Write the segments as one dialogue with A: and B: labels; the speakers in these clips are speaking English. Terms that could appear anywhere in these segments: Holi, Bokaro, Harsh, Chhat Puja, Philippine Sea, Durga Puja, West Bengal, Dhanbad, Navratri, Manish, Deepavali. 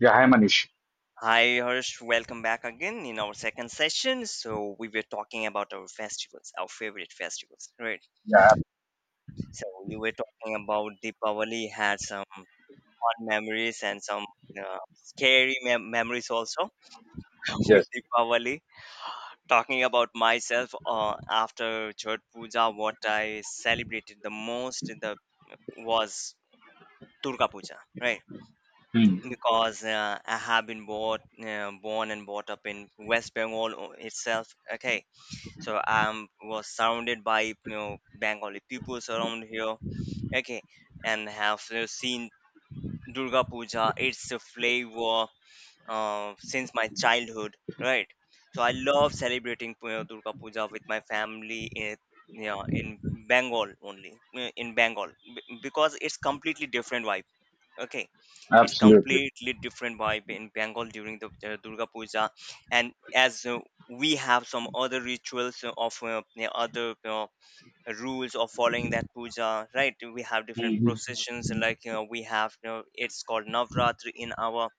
A: Yeah, hi Manish.
B: Hi, Harsh. Welcome back again in our second session. So we were talking about our festivals, our favorite festivals, right?
A: Yeah,
B: So you were talking about Deepavali had some fun memories and some scary memories also with
A: yes.
B: Deepavali. Talking about myself after Chhat Puja, what I celebrated the most in the was Durga Puja, right?
A: Hmm.
B: Because I have born and brought up in West Bengal itself. Okay, so I was surrounded by, you know, Bengali people around here. Okay, and have seen Durga Puja, its a flavor since my childhood, right? So I love celebrating, you know, Durga Puja with my family in, you know, in Bengal only, in Bengal, because it's completely different. Okay, it's
A: Absolutely.
B: completely different vibe in Bengal during the Durga Puja. And as we have some other rituals of yeah, other rules of following that puja, right? We have different
A: Hmm.
B: processions, like, you know, we have, you know, it's called Navratri in our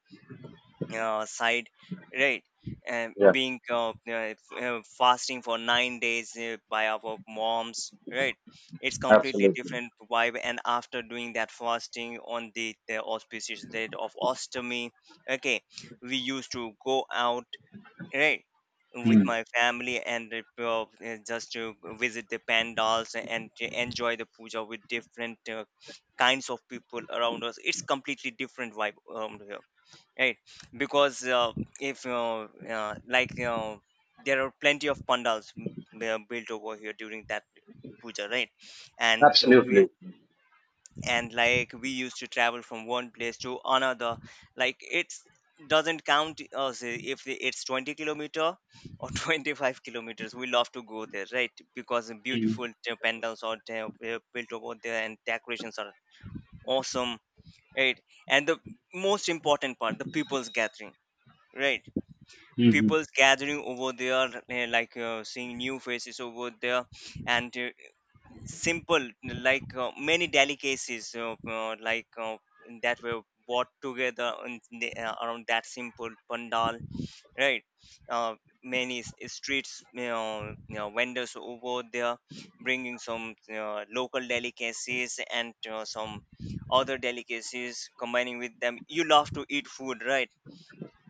B: side, right? And
A: Yeah,
B: being fasting for 9 days by our moms, right? It's completely
A: absolutely.
B: different vibe, and after doing that fasting on the auspicious date of ostomy. Okay, we used to go out, right? With
A: Hmm.
B: my family and just to visit the pandals and to enjoy the puja with different kinds of people around us. It's completely different vibe around, right? Because uh, if uh, uh, like you there are plenty of pandals built over here during that puja, right? And to we
A: Absolutely.
B: and like, we used to travel from one place to another. Like, it's doesn't count us if it's 20 kilometer or 25 kilometers, we love to go there, right? Because
A: Hmm.
B: beautiful pandals are there, built over there, and decorations are awesome, right? And the most important part, the people's gathering, right?
A: Hmm.
B: People's gathering over there, eh, like, seeing new faces over there, and simple, like, many delicacies that were bought together in the around that simple pandal, right? Uh, many s- streets, you know, you know, vendors over there bringing some local delicacies and some other delicacies combining with them, you love to eat food, right?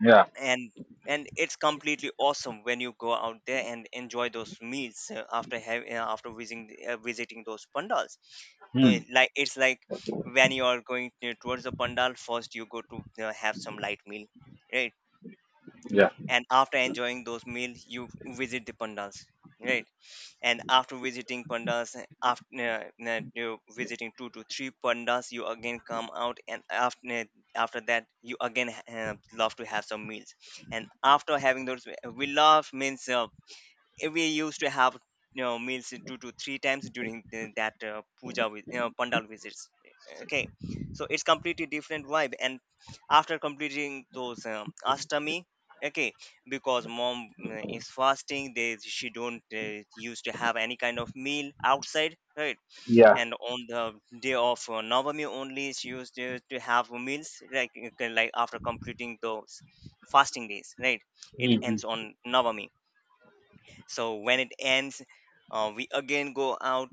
A: Yeah.
B: And and it's completely awesome when you go out there and enjoy those meals, after visiting those pandals. uh,
A: Hmm.
B: like it's like when you are going towards the pandal, first you go to have some light meal, right?
A: Yeah.
B: And after enjoying those meals, you visit the pandals, right? And after visiting pandas, after you visiting two to three pandas, you again come out, and after after that, you again love to have some meals. And after having those, we love means we used to have, you know, meals two to three times during that puja with, you know, pandal visits, eh, okay. So it's completely different vibe. And after completing those ashtami. Okay, because mom is fasting, they, she don't used to have any kind of meal outside, right?
A: Yeah.
B: And on the day of navami only she used to have meals, like after completing those fasting days, right? It
A: Hmm.
B: ends on navami. So when it ends, we again go out.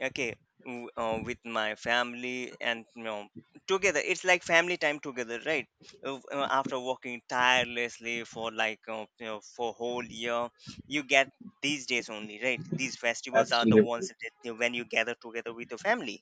B: Okay, with my family, and, you know, together it's like family time together, right? After working tirelessly for, like, you know, for whole year, you get these days only, right? These festivals are the ones
A: Absolutely.
B: that when you gather together with your family,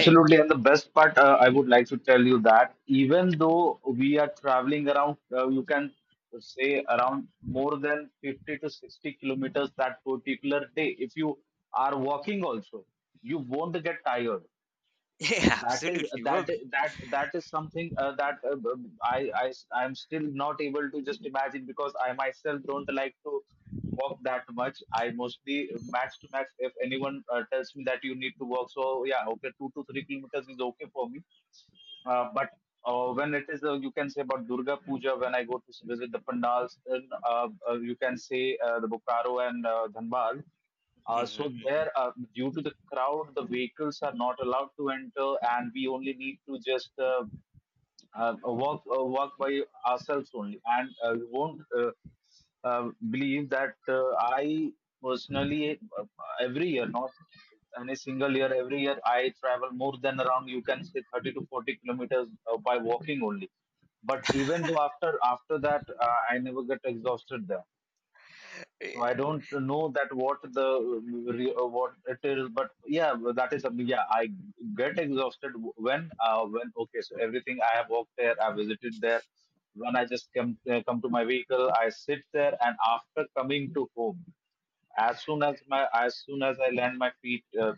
B: right?
A: And the best part, I would like to tell you that even though we are traveling around, you can say around more than 50 to 60 kilometers that particular day. If you are walking also, you won't get tired.
B: Yeah,
A: That is
B: absolutely.
A: that
B: Well,
A: that that is something, that b- I am still not able to just imagine, because I myself don't like to walk that much. I mostly match to match. If anyone tells me that you need to walk, so yeah, okay, 2 to 3 kilometers is okay for me, but when it is, you can say about Durga Puja, when I go to visit the pandals, then you can say the Bokaro and Dhanbad.
B: mhm,
A: So
B: mhm.
A: there, due to the crowd, the vehicles are not allowed to enter, and we only need to just work work by ourselves only, and we won't believe that I personally, every year, not any single year, every year I travel more than around, you can say, 30 to 40 kilometers by walking only. But even though, after that, I never get exhausted there. So I don't know that what the what it is, but yeah, that is something. Yeah, I get exhausted when when okay, so everything I have walked there, I visited there. When I just come to my vehicle, I sit there, and after coming to home, as soon as I land my feet,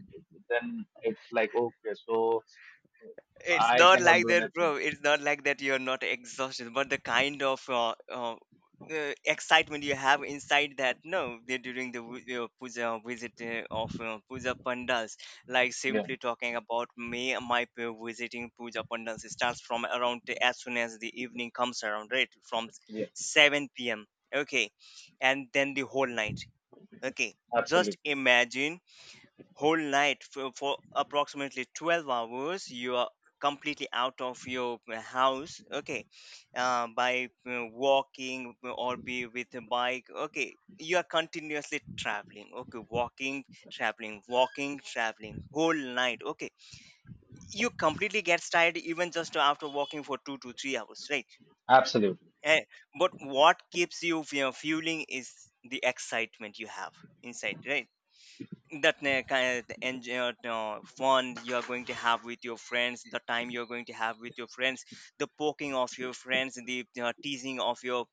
A: then it's like okay, so
B: It's
A: I
B: not
A: cannot
B: like
A: do
B: that,
A: anything.
B: bro. It's not like that you're not exhausted, but the kind of excitement you have inside that, no, during the your puja visit of puja pandas, like,
A: Yeah,
B: simply talking about me, my visiting puja pandas starts from around as soon as the evening comes around, right? From
A: yeah,
B: 7 p.m. Okay, and then the whole night. Okay, just
A: absolutely,
B: imagine whole night for approximately 12 hours you are completely out of your house. Okay, by walking or be with a bike, okay, you are continuously traveling. Okay, walking, traveling, walking, traveling whole night. Okay, you completely get tired even just after walking for 2 to 3 hours, right?
A: absolutely,
B: Eh, but what keeps you fueling is the excitement you have inside, right? That kind of fun you are going to have with your friends, the time you are going to have with your friends, the poking of your friends, the teasing of your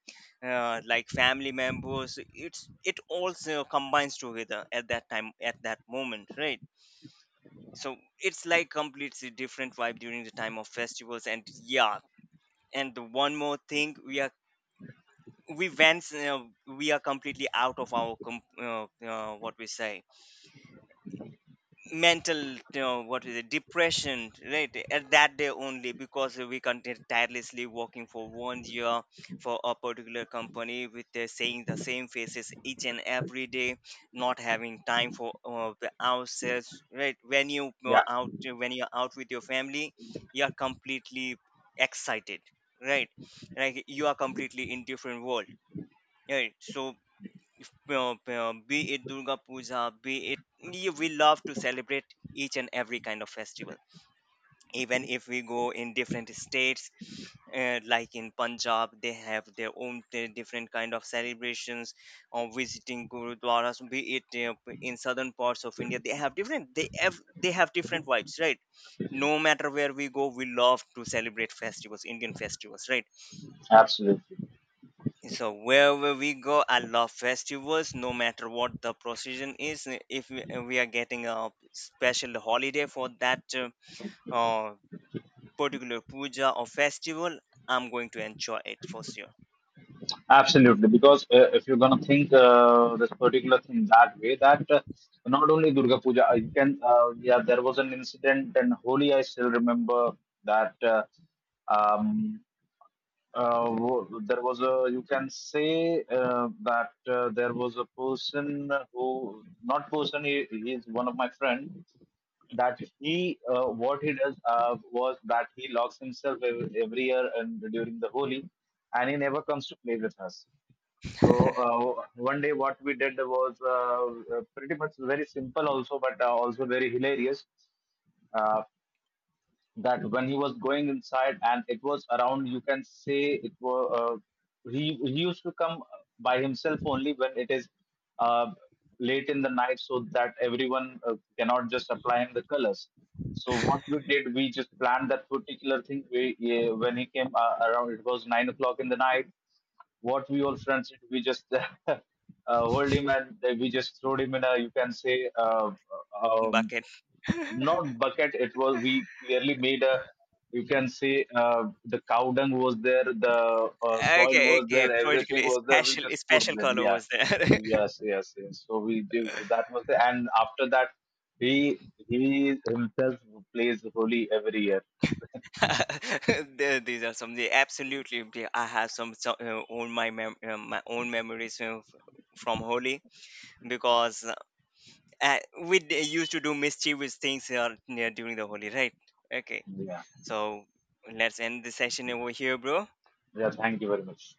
B: like family members, it's it also combines together at that time, at that moment, right? So it's like completely different vibe during the time of festivals. And yeah, and the one more thing, we are completely out of our what we say mental, you know, what is it, depression, right? At that day only, because we continued tirelessly working for 1 year for a particular company with saying the same faces each and every day, not having time for the ourselves, right? When you
A: yeah,
B: are out, when you're out with your family, you're completely excited, right? Like, you are completely in different world, right? So if, be it Durga Puja, we love to celebrate each and every kind of festival. Even if we go in different states, like in Punjab, they have their own different kind of celebrations. Or visiting gurudwaras, be it in southern parts of India, they have different. They have different vibes, right? No matter where we go, we love to celebrate festivals, Indian festivals, right?
A: absolutely.
B: So wherever we go, I love festivals, no matter what the procession is. If we are getting a special holiday for that uh, particular puja or festival, I'm going to enjoy it for sure.
A: Absolutely, because if you're gonna think, this particular thing, that way, that not only Durga Puja, you can, yeah, there was an incident in Holi. I still remember that um, there was a, you can say, that there was a person, who, not person, he is one of my friend, that he what he does was that he locks himself every year and during the Holi, and he never comes to play with us. So one day, what we did was pretty much very simple also, but also very hilarious. Uh, that when he was going inside, and it was around, you can say, it was he used to come by himself only when it is uh, late in the night, so that everyone cannot just apply him the colors. So what we did, we just planned that particular thing. We, yeah, when he came, around, it was 9 o'clock in the night. What we all friends did, we just uh, hold him and we just throw him in a, you can say, um,
B: Bucket.
A: not bucket. It was, we clearly made a. You can say, the cow dung was there, the soil
B: Okay,
A: was there,
B: okay,
A: everything
B: particularly
A: was there. We
B: special,
A: just put
B: special
A: there.
B: color
A: Yeah,
B: was there.
A: yes, yes, yes. So we did, that was the, and after that, he he himself plays holy every year.
B: These are some, the absolutely I have some my own memories from Holi, because we used to do mischievous things near during the holy right? Okay,
A: Yeah,
B: so let's end the session over here, bro.
A: yeah. Thank you very much.